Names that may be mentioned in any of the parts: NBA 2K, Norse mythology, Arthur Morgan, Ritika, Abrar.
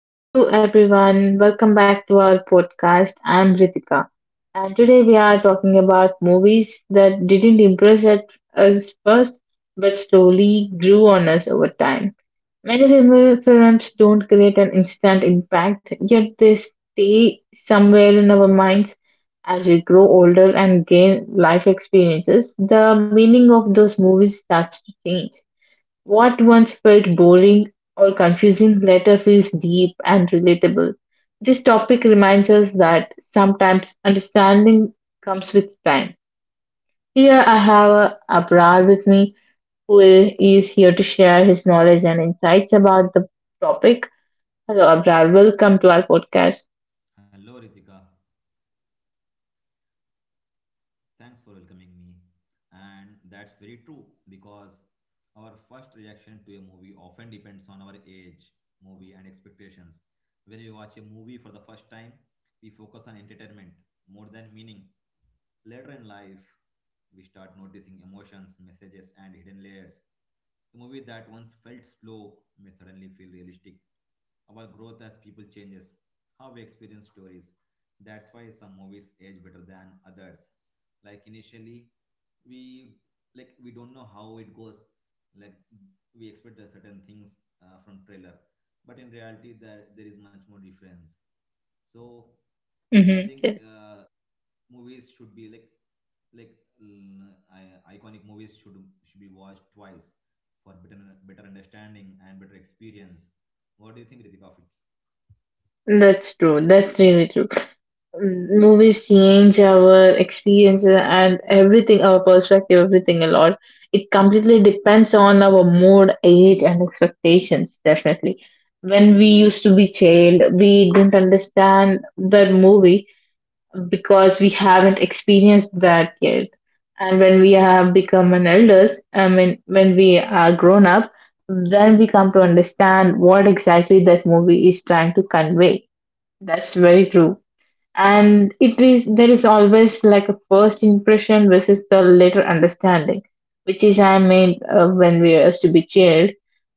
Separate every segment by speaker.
Speaker 1: Hello everyone, welcome back to our podcast. I'm Ritika, and today we are talking about movies that didn't impress at us first but slowly grew on us over time. Many remember films don't create an instant impact, yet they stay somewhere in our minds as we grow older and gain life experiences. The meaning of those movies starts to change. What once felt boring or confusing later feels deep and relatable. This topic reminds us that sometimes understanding comes with time. Here I have a Abrar with me who is here to share his knowledge and insights about the topic. Hello, Abrar. Welcome to our podcast.
Speaker 2: Hello, Ritika. Thanks for welcoming me. And that's very true because our first reaction to a movie often depends on our age, movie, and expectations. When we watch a movie for the first time, we focus on entertainment more than meaning. Later in life, we start noticing emotions, messages, and hidden layers. A movie that once felt slow may suddenly feel realistic. Our growth as people changes, how we experience stories. That's why some movies age better than others. Like initially, we we don't know how it goes. Like we expect a certain things from trailer, but in reality, there is much more difference. So I think
Speaker 1: Mm-hmm.
Speaker 2: movies should be like iconic movies should be watched twice for better understanding and better experience. What do you think, Ritika? Of it?
Speaker 1: That's true. That's really true. Movies change our experiences and everything, our perspective, everything a lot. It completely depends on our mood, age, and expectations, definitely. When we used to be child, we didn't understand that movie because we haven't experienced that yet. And when we have become an elders, I mean, when we are grown up, then we come to understand what exactly that movie is trying to convey. That's very true, and it is there is always like a first impression versus the later understanding, which is I mean when we used to be child,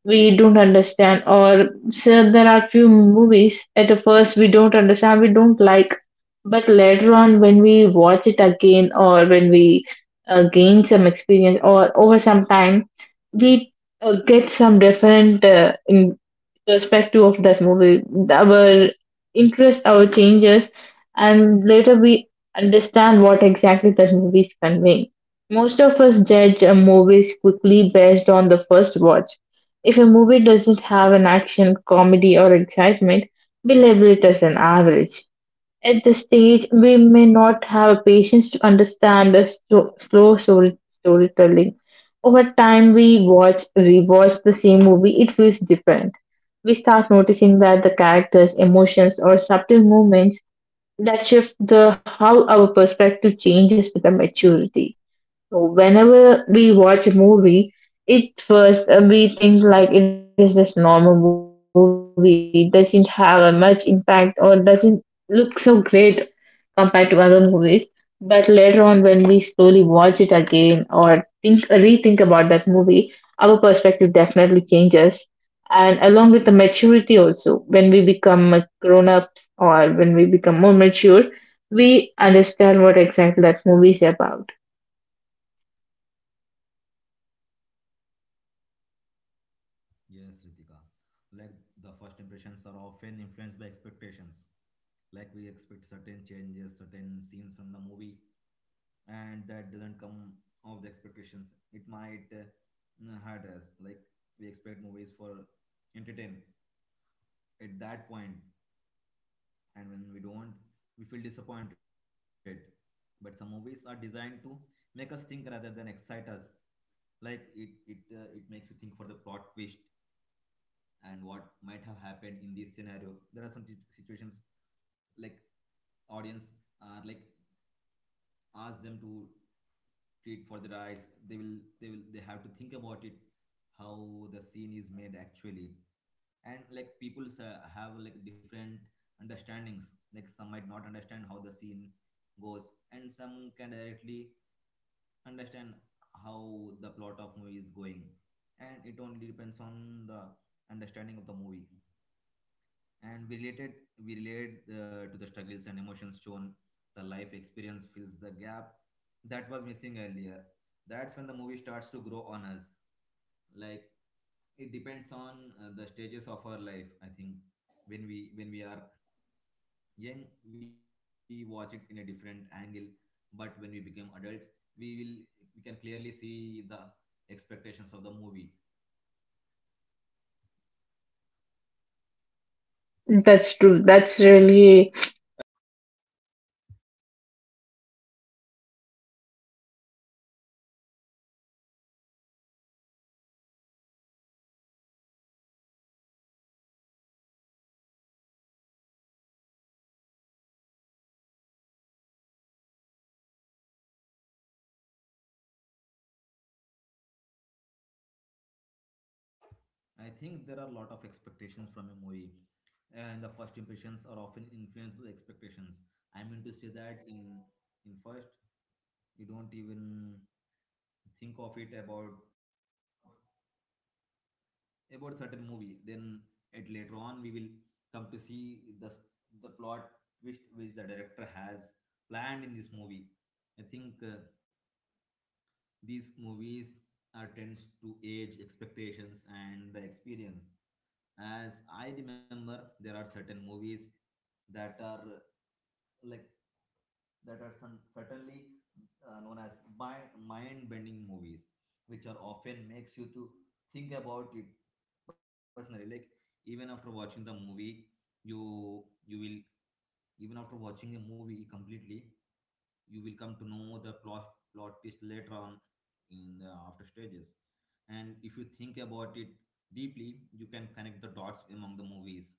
Speaker 1: we don't understand, or so there are few movies at the first we don't understand, we don't like, but later on when we watch it again or when we gain some experience or over some time, we get some different in perspective of that movie, our interests our changes, and later we understand what exactly that movie is conveying. Most of us judge a movies quickly based on the first watch. If a movie doesn't have an action, comedy, or excitement, we label it as an average. At this stage, we may not have patience to understand the slow storytelling. Over time, we watch, rewatch the same movie, it feels different. We start noticing that the characters' emotions or subtle movements that shift the how our perspective changes with the maturity. So whenever we watch a movie, it first we think like it is just normal movie, it doesn't have a much impact or doesn't look so great compared to other movies. But later on, when we slowly watch it again or think rethink about that movie, our perspective definitely changes. And along with the maturity also, when we become a grown-ups or when we become more mature, we understand what exactly that movie is about.
Speaker 2: Yes, Ritika. Like the first impressions are often influenced by expectations. Like we expect certain changes, certain scenes from the movie, and that doesn't come of the expectations. It might hurt us. Like we expect movies for entertain at that point, and when we don't, we feel disappointed, but some movies are designed to make us think rather than excite us. Like it makes you think for the plot twist and what might have happened in this scenario. There are some situations like audience are like ask them to treat for the rice. They will they will they have to think about it, how the scene is made actually. And like people have like different understandings. Like some might not understand how the scene goes, and some can directly understand how the plot of movie is going. And it only depends on the understanding of the movie, and we relate to the struggles and emotions shown. The life experience fills the gap that was missing earlier. That's when the movie starts to grow on us. Like it depends on the stages of our life, I think. When we are young, we watch it in a different angle, but when we become adults, we can clearly see the expectations of the movie.
Speaker 1: That's true. That's really so correct there, what about
Speaker 2: I think there are a lot of expectations from a movie, and the first impressions are often influenced by the expectations. I mean to say that in first, you don't even think of it about certain movie. Then at later on, we will come to see the plot twist which the director has planned in this movie. I think. These movies are tends to age, expectations, and the experience. As I remember, there are certain movies that are like that are some, certainly known as mind-bending movies, which are often makes you to think about it personally. Like even after watching the movie, you will even after watching a movie completely, you will come to know the plot twist later on in the after stages. And if you think about it deeply, you can connect the dots among the movies.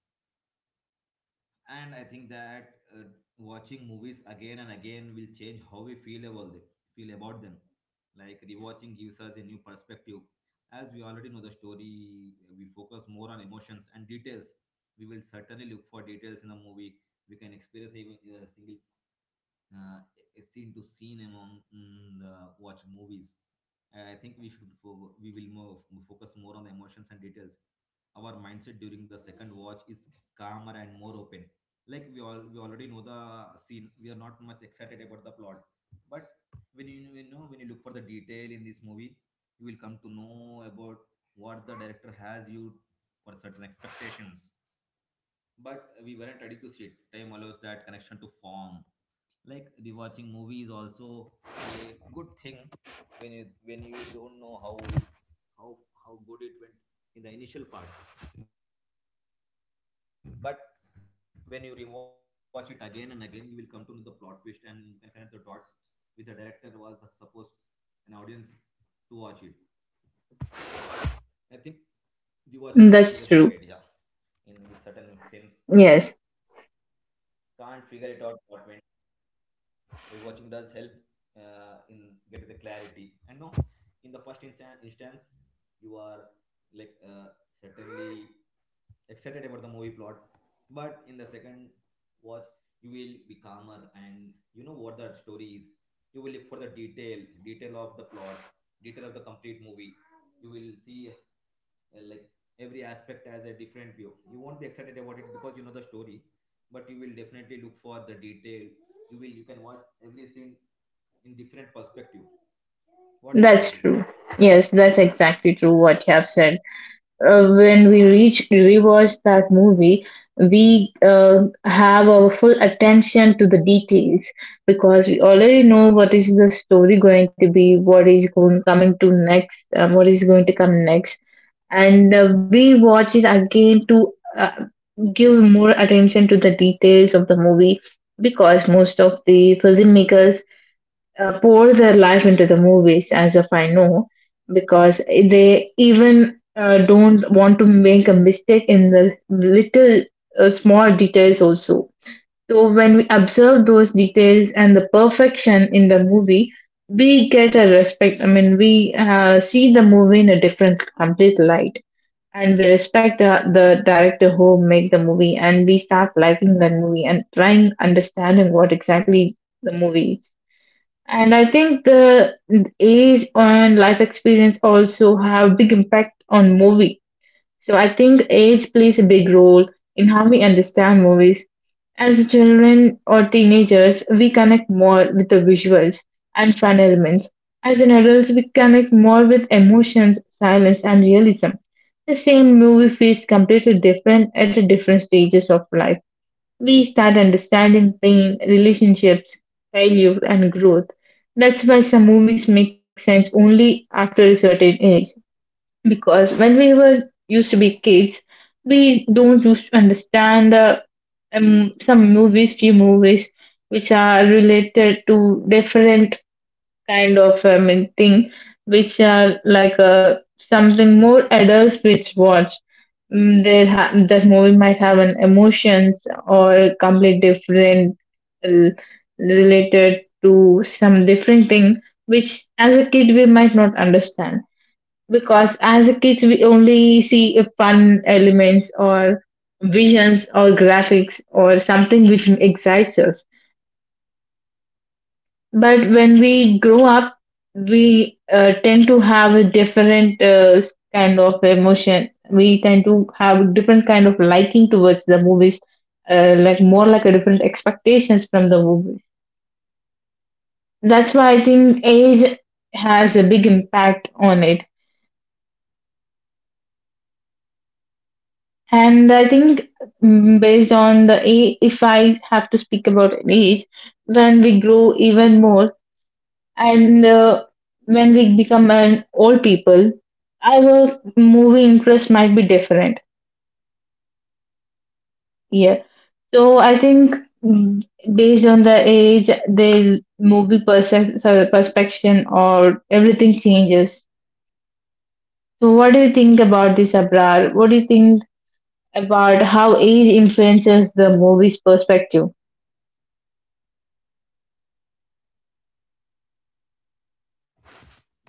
Speaker 2: And I think that watching movies again and again will change how we feel about them like rewatching gives us a new perspective. As we already know the story, we focus more on emotions and details. We will certainly look for details in the movie. We can experience even in a single uh, scene to scene among the watch movies. I think we should focus more on the emotions and details. Our mindset during the second watch is calmer and more open. Like we already know the scene. We are not much excited about the plot, but when you look for the detail in this movie, you will come to know about what the director has you for certain expectations. But we weren't ready to see it. Time allows that connection to form. Like rewatching movies also a good thing. When you don't know how how good it went in the initial part. But when you rewatch it again and again, you will come to know the plot twist, and you can connect the dots with the director was supposed an audience to watch it. I think rewatching is a good idea in with
Speaker 1: That's
Speaker 2: certain
Speaker 1: true.
Speaker 2: films.
Speaker 1: Yes,
Speaker 2: Can't figure it out what went. Rewatching does help in get the clarity. And no, in the first instance, you are like uh, certainly excited about the movie plot, but in the second watch, you will be calmer and you know what the story is. You will look for the detail, detail of the plot, detail of the complete movie. You will see like every aspect has a different view. You won't be excited about it because you know the story, but you will definitely look for the detail. You can watch every scene in different perspective.
Speaker 1: that's
Speaker 2: What do you think,
Speaker 1: true.
Speaker 2: Ritika?
Speaker 1: Yes, that's exactly true what you have said. When we reach rewatch that movie, we have our full attention to the details because we already know what is the story going to be, what is going coming to next, what is going to come next, and we watch it again to give more attention to the details of the movie because most of the filmmakers pour their life into the movies, as of I know, because they even don't want to make a mistake in the little small details also. So when we observe those details and the perfection in the movie, we get a respect. I mean, we see the movie in a different, complete light, and we respect the director who make the movie, and we start liking that movie and trying understanding what exactly the movie is. And I think the age and life experience also have big impact on movie. So I think age plays a big role in how we understand movies. As children or teenagers, we connect more with the visuals and fun elements. As an adults, we connect more with emotions, silence, and realism. The same movie feels completely different at different stages of life. We start understanding pain, relationships, failure, and growth. That's why some movies make sense only after a certain age. Because when we were used to be kids, we don't used understand some movies, few movies, which are related to different kind of thing, which are like a something more adults which watch. That movie might have an emotions or complete different uh, related to some different thing which as a kid we might not understand, because as a kids we only see a fun elements or visions or graphics or something which excites us. But when we grow up, we tend to have a different kind of emotion. We tend to have a different kind of liking towards the movies, like more like a different expectations from the movies. That's why I think age has a big impact on it. And I think, based on the age, if I have to speak about age, then we grow even more, and when we become an old people, our movie interest might be different. Yeah. So I think, mm, based on the age, the movie so perception or everything changes. So what do you think about this, Abrar? What do you think about how age influences the movie's perspective?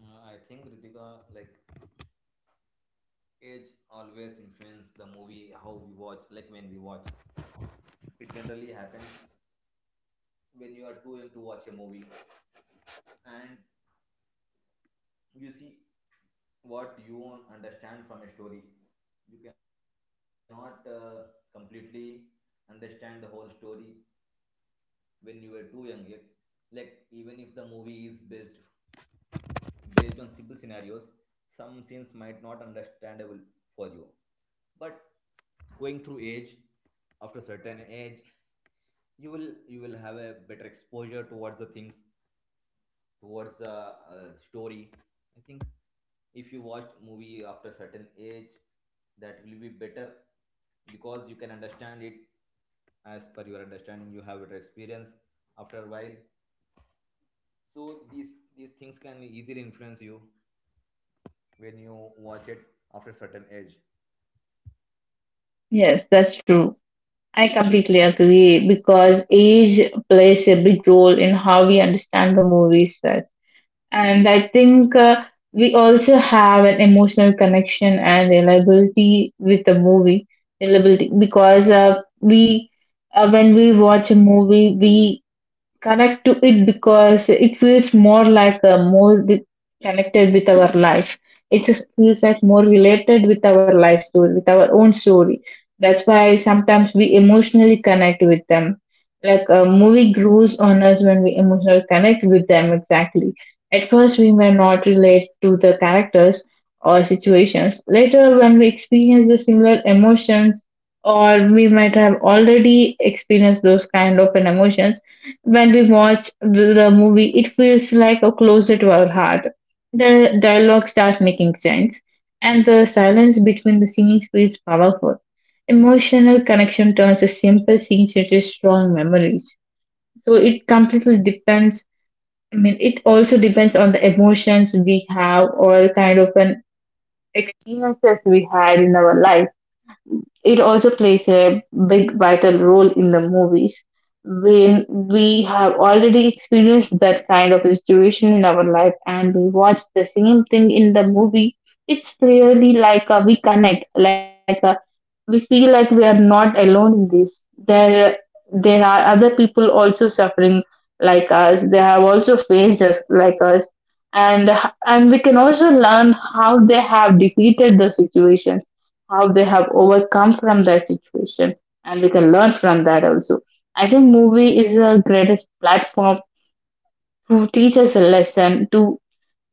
Speaker 2: I think, Ritika, like age always influence the movie how we watch. Like when we watch, it generally happens when you are too young to watch a movie, and you see what you won't understand from a story. You cannot completely understand the whole story when you were too young. Yet, like even if the movie is based on simple scenarios, some scenes might not understandable for you. But going through age, after certain age, you will have a better exposure towards the things, towards the story. I think if you watched movie after certain age, that will be better because you can understand it as per your understanding. You have better experience after a while. So these things can easily influence you when you watch it after a certain age.
Speaker 1: Yes, that's true. I completely agree because age plays a big role in how we understand the movies. And I think we also have an emotional connection and reliability with the movie, reliability because we when we watch a movie, we connect to it because it feels more like a more connected with our life. It just feels like more related with our life story, with our own story. That's why sometimes we emotionally connect with them. Like a movie grows on us when we emotionally connect with them exactly. At first, we may not relate to the characters or situations. Later, when we experience the similar emotions, or we might have already experienced those kind of an emotions, when we watch the movie, it feels like a closer to our heart. The dialogue start making sense, and the silence between the scenes feels powerful. Emotional connection turns a simple scene into strong memories. So it completely depends. I mean, it also depends on the emotions we have or kind of an experiences we had in our life. It also plays a big vital role in the movies when we have already experienced that kind of a situation in our life and we watch the same thing in the movie. It's really like a, we connect, like a, we feel like we are not alone in this. There are other people also suffering like us. They have also faced us like us, and and we can also learn how they have defeated the situation, how they have overcome from that situation, and we can learn from that also. I movie is the greatest platform to teach us a lesson, to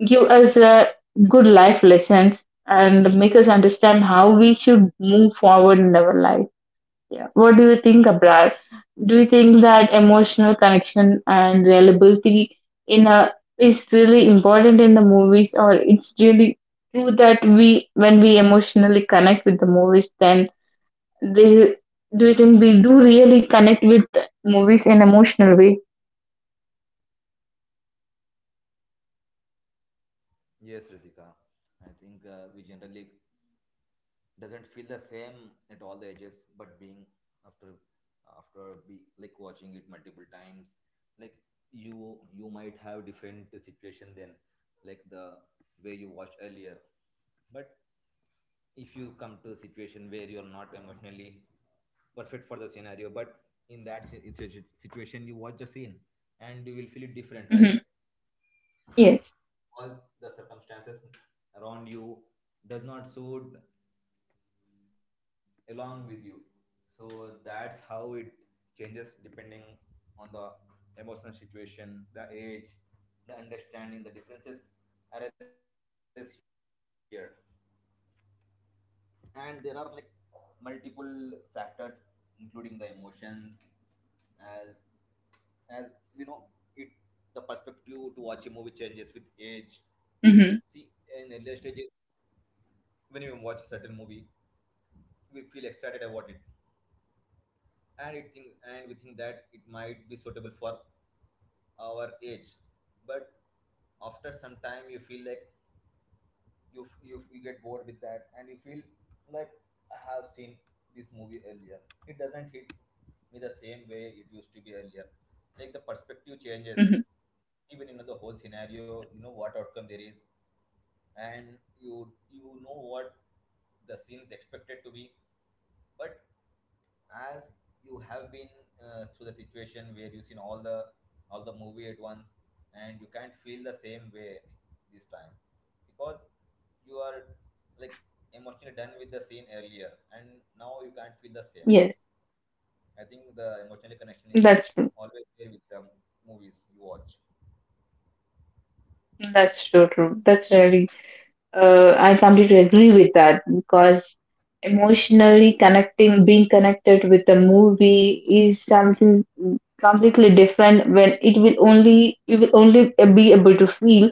Speaker 1: give us a good life lessons and make us understand how we should move forward in our life. Yeah. What do you think, Abrar? Do you think that emotional connection and reliability in a is really important in the movies, or it's really true that we when we emotionally connect with the movies then they, do you think we do really connect with movies in emotional way?
Speaker 2: Yes, Ritika. I think we generally doesn't feel the same at all the ages, but being after after be like watching it multiple times, like you you might have different situation than like the way you watched earlier. But if you come to a situation where you're not emotionally perfect for the scenario, but in that situation you watch the scene, and you will feel it different,
Speaker 1: Mm-hmm.
Speaker 2: right?
Speaker 1: Yes.
Speaker 2: Because the circumstances around you does not suit along with you, so that's how it changes depending on the emotional situation, the age, the understanding, the differences arises here. And there are like multiple factors including the emotions. As as you know it, the perspective to watch a movie changes with age. See, in
Speaker 1: Mm-hmm.
Speaker 2: earlier stages, when we watch certain movie, we feel excited about it, and we think that it might be suitable for our age. But after some time, you feel like you get bored with that, and you feel like I have seen this movie earlier. It doesn't hit me the same way it used to be earlier. Like the perspective changes.
Speaker 1: Mm-hmm.
Speaker 2: Even you know the whole scenario, you know what outcome there is, and you know what the scene's expected to be. But as you have been through the situation where you've seen all the movie at once, and you can't feel the same way this time because you are like emotionally done with the scene earlier, and now you can't feel the same.
Speaker 1: Yes,
Speaker 2: I think the emotional connection is
Speaker 1: that's true.
Speaker 2: always there with the movies you watch.
Speaker 1: That's so true. That's really I completely agree with that because emotionally connecting, being connected with a movie is something completely different when it will only you will only be able to feel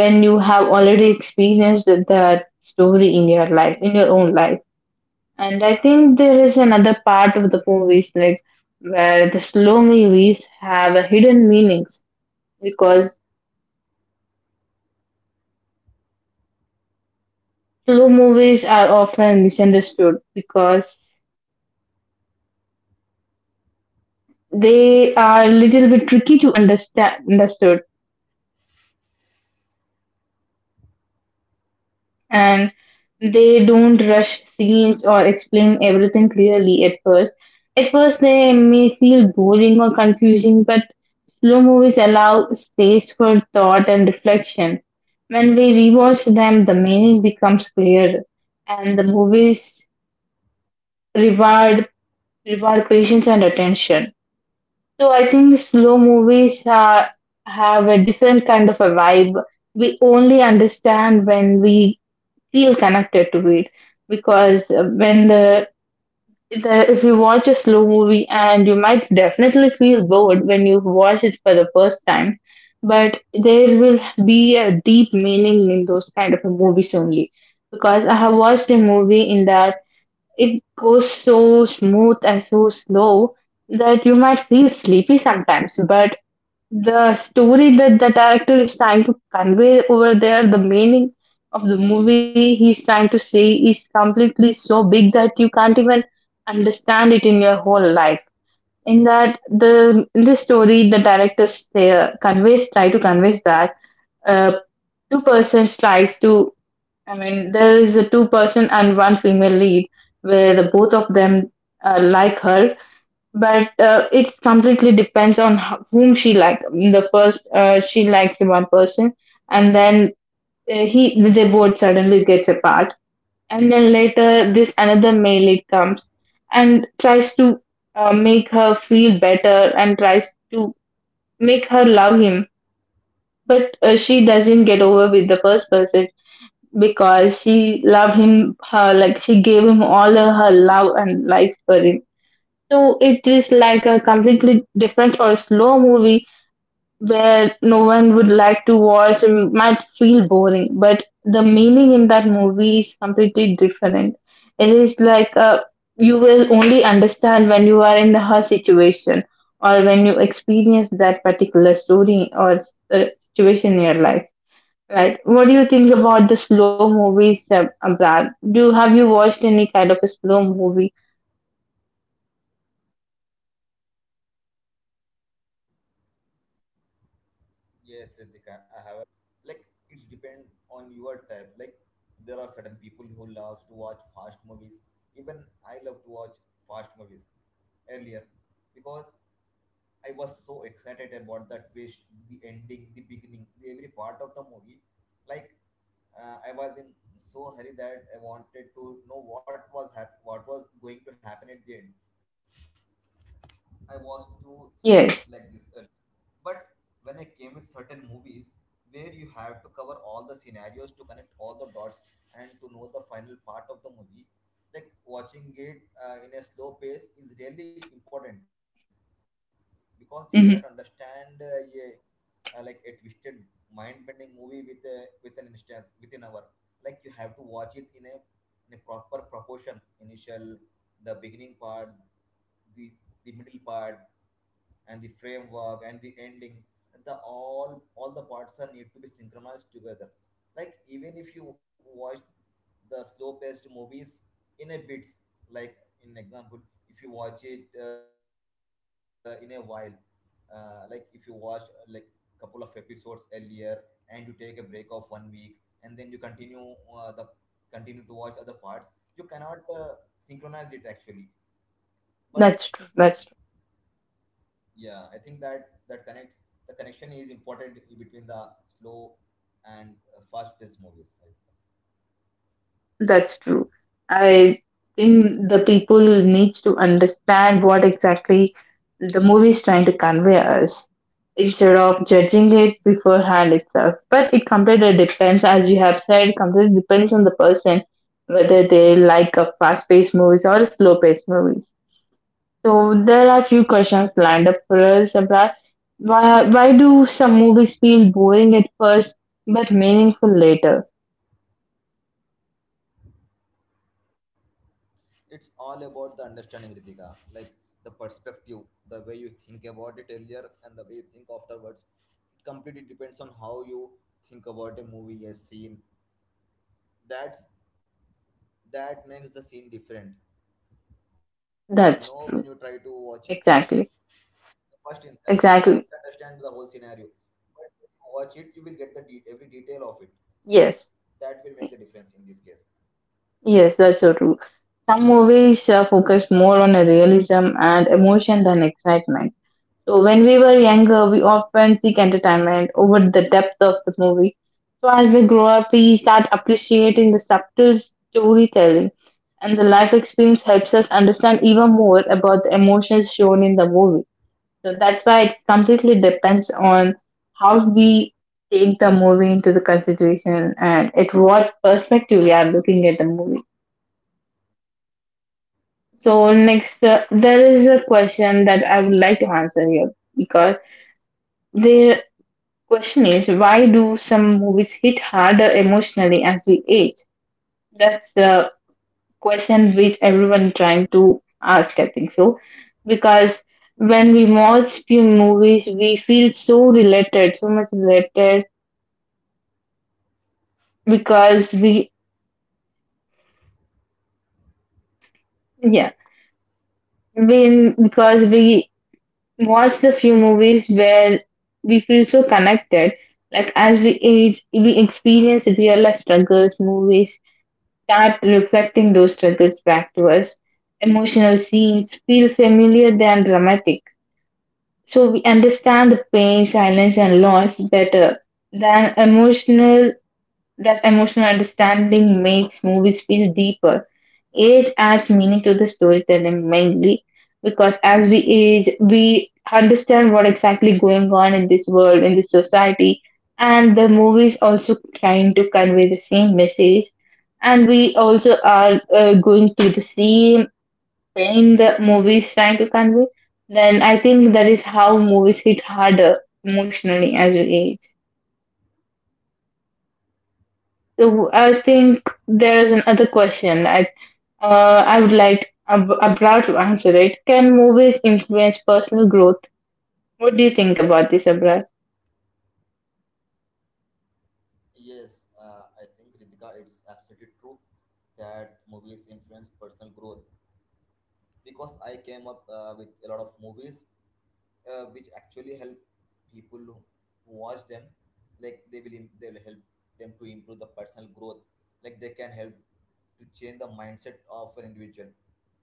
Speaker 1: when you have already experienced that story in your life, in your own life. And I think there is another part of the movies like where the slow movies have a hidden meanings, because slow movies are often misunderstood because they are a little bit tricky to understand understood, and they don't rush scenes or explain everything clearly at first. At first, they may feel boring or confusing, but slow movies allow space for thought and reflection. When we rewatch them, the meaning becomes clear, and the movies reward reward patience and attention. So I think slow movies are, have a different kind of a vibe. We only understand when we feel connected to it, because when the if you watch a slow movie and you might definitely feel bored when you watch it for the first time, but there will be a deep meaning in those kind of movies only, because I have watched a movie in that it goes so smooth and so slow that you might feel sleepy sometimes, but the story that the director is trying to convey over there, the meaning of the movie he's trying to say is completely so big that you can't even understand it in your whole life. In that the in this story, the director conveys try to convey that uh, two persons tries to. I mean, there is a two person and one female lead where the both of them like her but it completely depends on whom she likes. The first she likes one person, and then he they both suddenly gets apart, and then later this another male lead comes and tries to make her feel better and tries to make her love him, but she doesn't get over with the first person because she loved him her like she gave him all her love and life for him, so it is like a completely different or slow movie where no one would like to watch and might feel boring, but the meaning in that movie is completely different. It is like you will only understand when you are in her situation or when you experience that particular story or uh, situation in your life. Right. What do you think about the slow movies, Brad? Do have you watched any kind of a slow movie?
Speaker 2: Yes, Ritika, I have an opinion on this. Like I feel slow movies, like it's depend on your type. Like there are certain people who loves to watch fast movies. Even I love to watch fast movies earlier because I was so excited about the twist, the ending, the beginning, the every part of the movie. Like I was in so hurry that I wanted to know what was going to happen at the end. I was to think like
Speaker 1: Yes.
Speaker 2: this earlier. But when I came with certain movies where you have to cover all the scenarios to connect all the dots and to know the final part of the movie, like watching it in a slow pace is really important because you cannot understand
Speaker 1: Hmm.
Speaker 2: a, like a twisted mind-bending movie with an instance within hour. Like you have to watch it in a proper proportion. Initial, the beginning part, the the middle part, and the framework and the ending, the all the parts are need to be synchronized together. Like even if you watch the slow paced movies in a bits, like in example, if you watch it in a while, like if you watch like couple of episodes earlier and you take a break of one week and then you uh, the continue to watch other parts. You cannot synchronize it actually. But
Speaker 1: That's true. That's true.
Speaker 2: yeah, I think that connects, the connection is important between the slow and fast paced movies, I think.
Speaker 1: That's true. I think the people needs to understand what exactly the movie is trying to convey us, instead of judging it beforehand itself. But it completely depends, as you have said, completely depends on the person, whether they like a fast paced movies or slow paced movies. So there are few questions lined up for us about why do some movies feel boring at first but meaningful later?
Speaker 2: It's all about the understanding, Ritika. Like the perspective, the way you think about it earlier and the way you think afterwards. It completely depends on how you think about a movie, a scene. That's that makes the scene different. You know, when you try
Speaker 1: That's
Speaker 2: to
Speaker 1: true.
Speaker 2: watch it
Speaker 1: Exactly.
Speaker 2: the first instance, you can't understand the
Speaker 1: Exactly.
Speaker 2: whole scenario, but when you watch it, you will get the every detail of it. That will make
Speaker 1: Yes,
Speaker 2: the difference in this case.
Speaker 1: yes, that's so true. Some movies focus more on realism and emotion than excitement. So when we were younger, we often seek entertainment over the depth of the movie. So as we grow up, we start appreciating the subtle storytelling, and the life experience helps us understand even more about the emotions shown in the movie. So that's why it completely depends on how we take the movie into the consideration and at what perspective we are looking at the movie. So next, there is a question that I would like to answer here because the question is, why do some movies hit harder emotionally as we age? That's the question which everyone trying to ask. I think so because when we watch few movies, we feel so related, so much related because we yeah we because we watch the few movies where we feel so connected. Like as we age, we experience real life struggles. Movies start reflecting those struggles back to us. Emotional scenes feel familiar than dramatic, so we understand the pain, silence and loss better than emotional. That emotional understanding makes movies feel deeper. Age adds meaning to the storytelling mainly because as we age, we understand what exactly going on in this world, in this society, and the movies also trying to convey the same message. And we also are going through the same pain the movies trying to convey. Then I think that is how movies hit harder emotionally as we age. So I think there's another question. I would like Abrar to answer it. Can movies influence personal growth? What do you think about this, Abrar?
Speaker 2: Yes, I think, Ritika, it's absolutely true that movies influence personal growth because I came up with a lot of movies which actually help people who watch them. Like they will help them to improve the personal growth. Like they can help to change the mindset of an individual.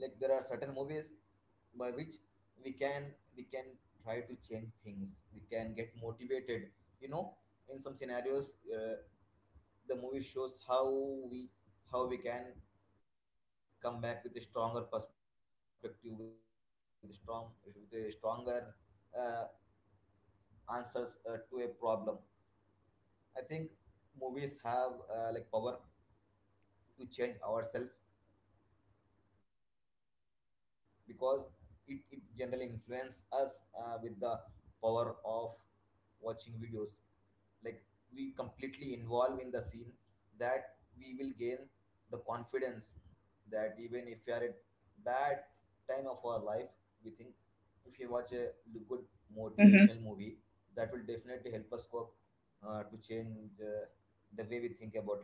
Speaker 2: Like there are certain movies by which we can we can try to change things. We can get motivated. You know, in some scenarios, the movie shows we how we can come back with a stronger perspective with a stronger uh, answers to a problem. I think movies have like power to change ourselves because it generally influences us with the power of watching videos. Like we completely involve in the scene that we will gain the confidence that even if we are at bad time of our life, we think if you watch a good motivational movie, that will
Speaker 1: Mm-hmm.
Speaker 2: definitely help us cope to change uh, the way we think about life.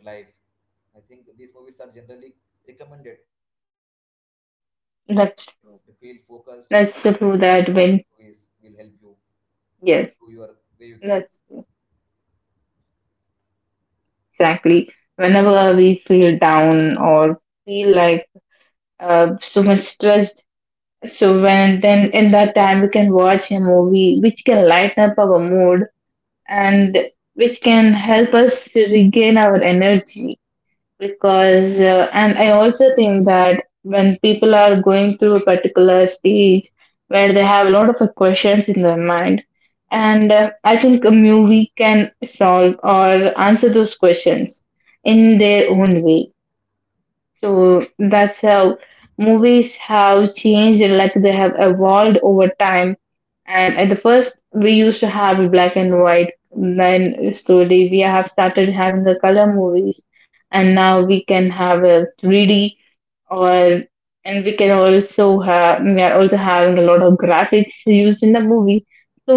Speaker 2: I think these movies are generally recommended if you feel low, if you don't
Speaker 1: That's
Speaker 2: feel connected, if you
Speaker 1: that's so
Speaker 2: don't
Speaker 1: true.
Speaker 2: feel
Speaker 1: That when
Speaker 2: focused. I think watching these movies will
Speaker 1: yes,
Speaker 2: help you
Speaker 1: that's
Speaker 2: improve your
Speaker 1: true.
Speaker 2: way you think.
Speaker 1: Exactly. Whenever we feel down or feel like so much stressed, so when then in that time we can watch a movie which can lighten up our mood, and which can help us to regain our energy, because and I also think that when people are going through a particular stage where they have a lot of questions in their mind, and I think a movie can solve or answer those questions in their own way. So that's how movies have changed, like they have evolved over time, and at the first, we used to have black and white. Then slowly we have started having the color movies, and now we can have a 3D or, and we can also have, we are also having a lot of graphics used in the movie. So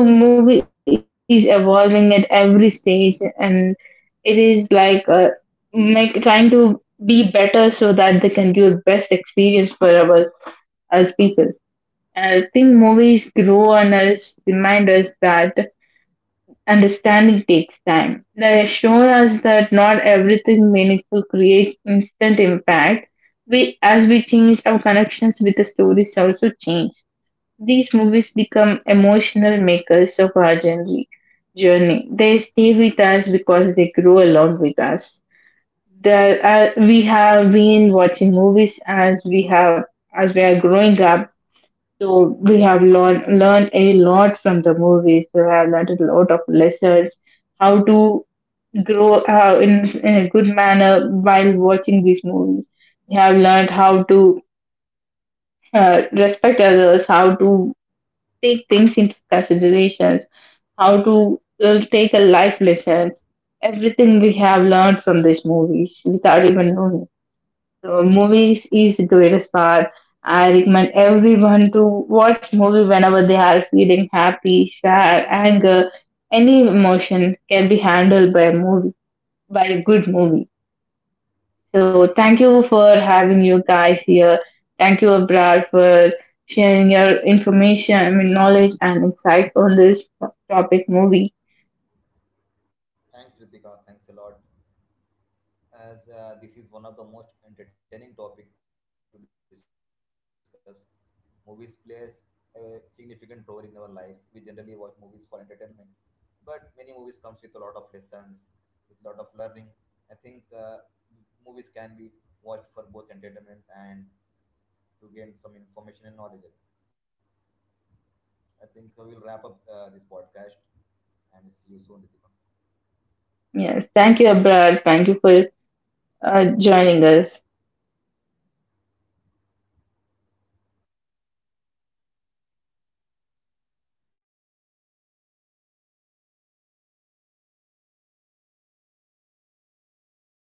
Speaker 1: movie is evolving at every stage, and it is like make trying to be better so that they can give best experience for our as people. I think movies grow on us, remind us that understanding takes time. They show us that not everything meaningful creates instant impact. We, as we change, our connections with the stories also change. These movies become emotional makers of our journey. Journey. They stay with us because they grow along with us. There are, we have been watching movies as we have as we are growing up, so we have learned a lot from the movies. We have learned a lot of lessons, how to grow in a good manner while watching these movies. We have learned how to respect others, how to take things into considerations, how to take a life lessons. Everything we have learned from these movies without even knowing. So movies is the greatest part. I recommend everyone to watch movie whenever they are feeling happy, sad, anger, any emotion can be handled by a movie, by a good movie. So thank you for having you guys here. Thank you, Abrar, for sharing your information, I mean knowledge and insights on this topic movie.
Speaker 2: Thanks, Ritika. Thanks a lot. As this is one of the most entertaining topic to discuss. Movies plays a significant role in our lives. We generally watch movies for entertainment, but many movies comes with a lot of lessons, with a lot of learning. I think movies can be watched for both entertainment and to gain some information and knowledge. I think we'll wrap up this podcast and see you soon, Ritika.
Speaker 1: Yes, thank you, Abrar. Thank you for joining us.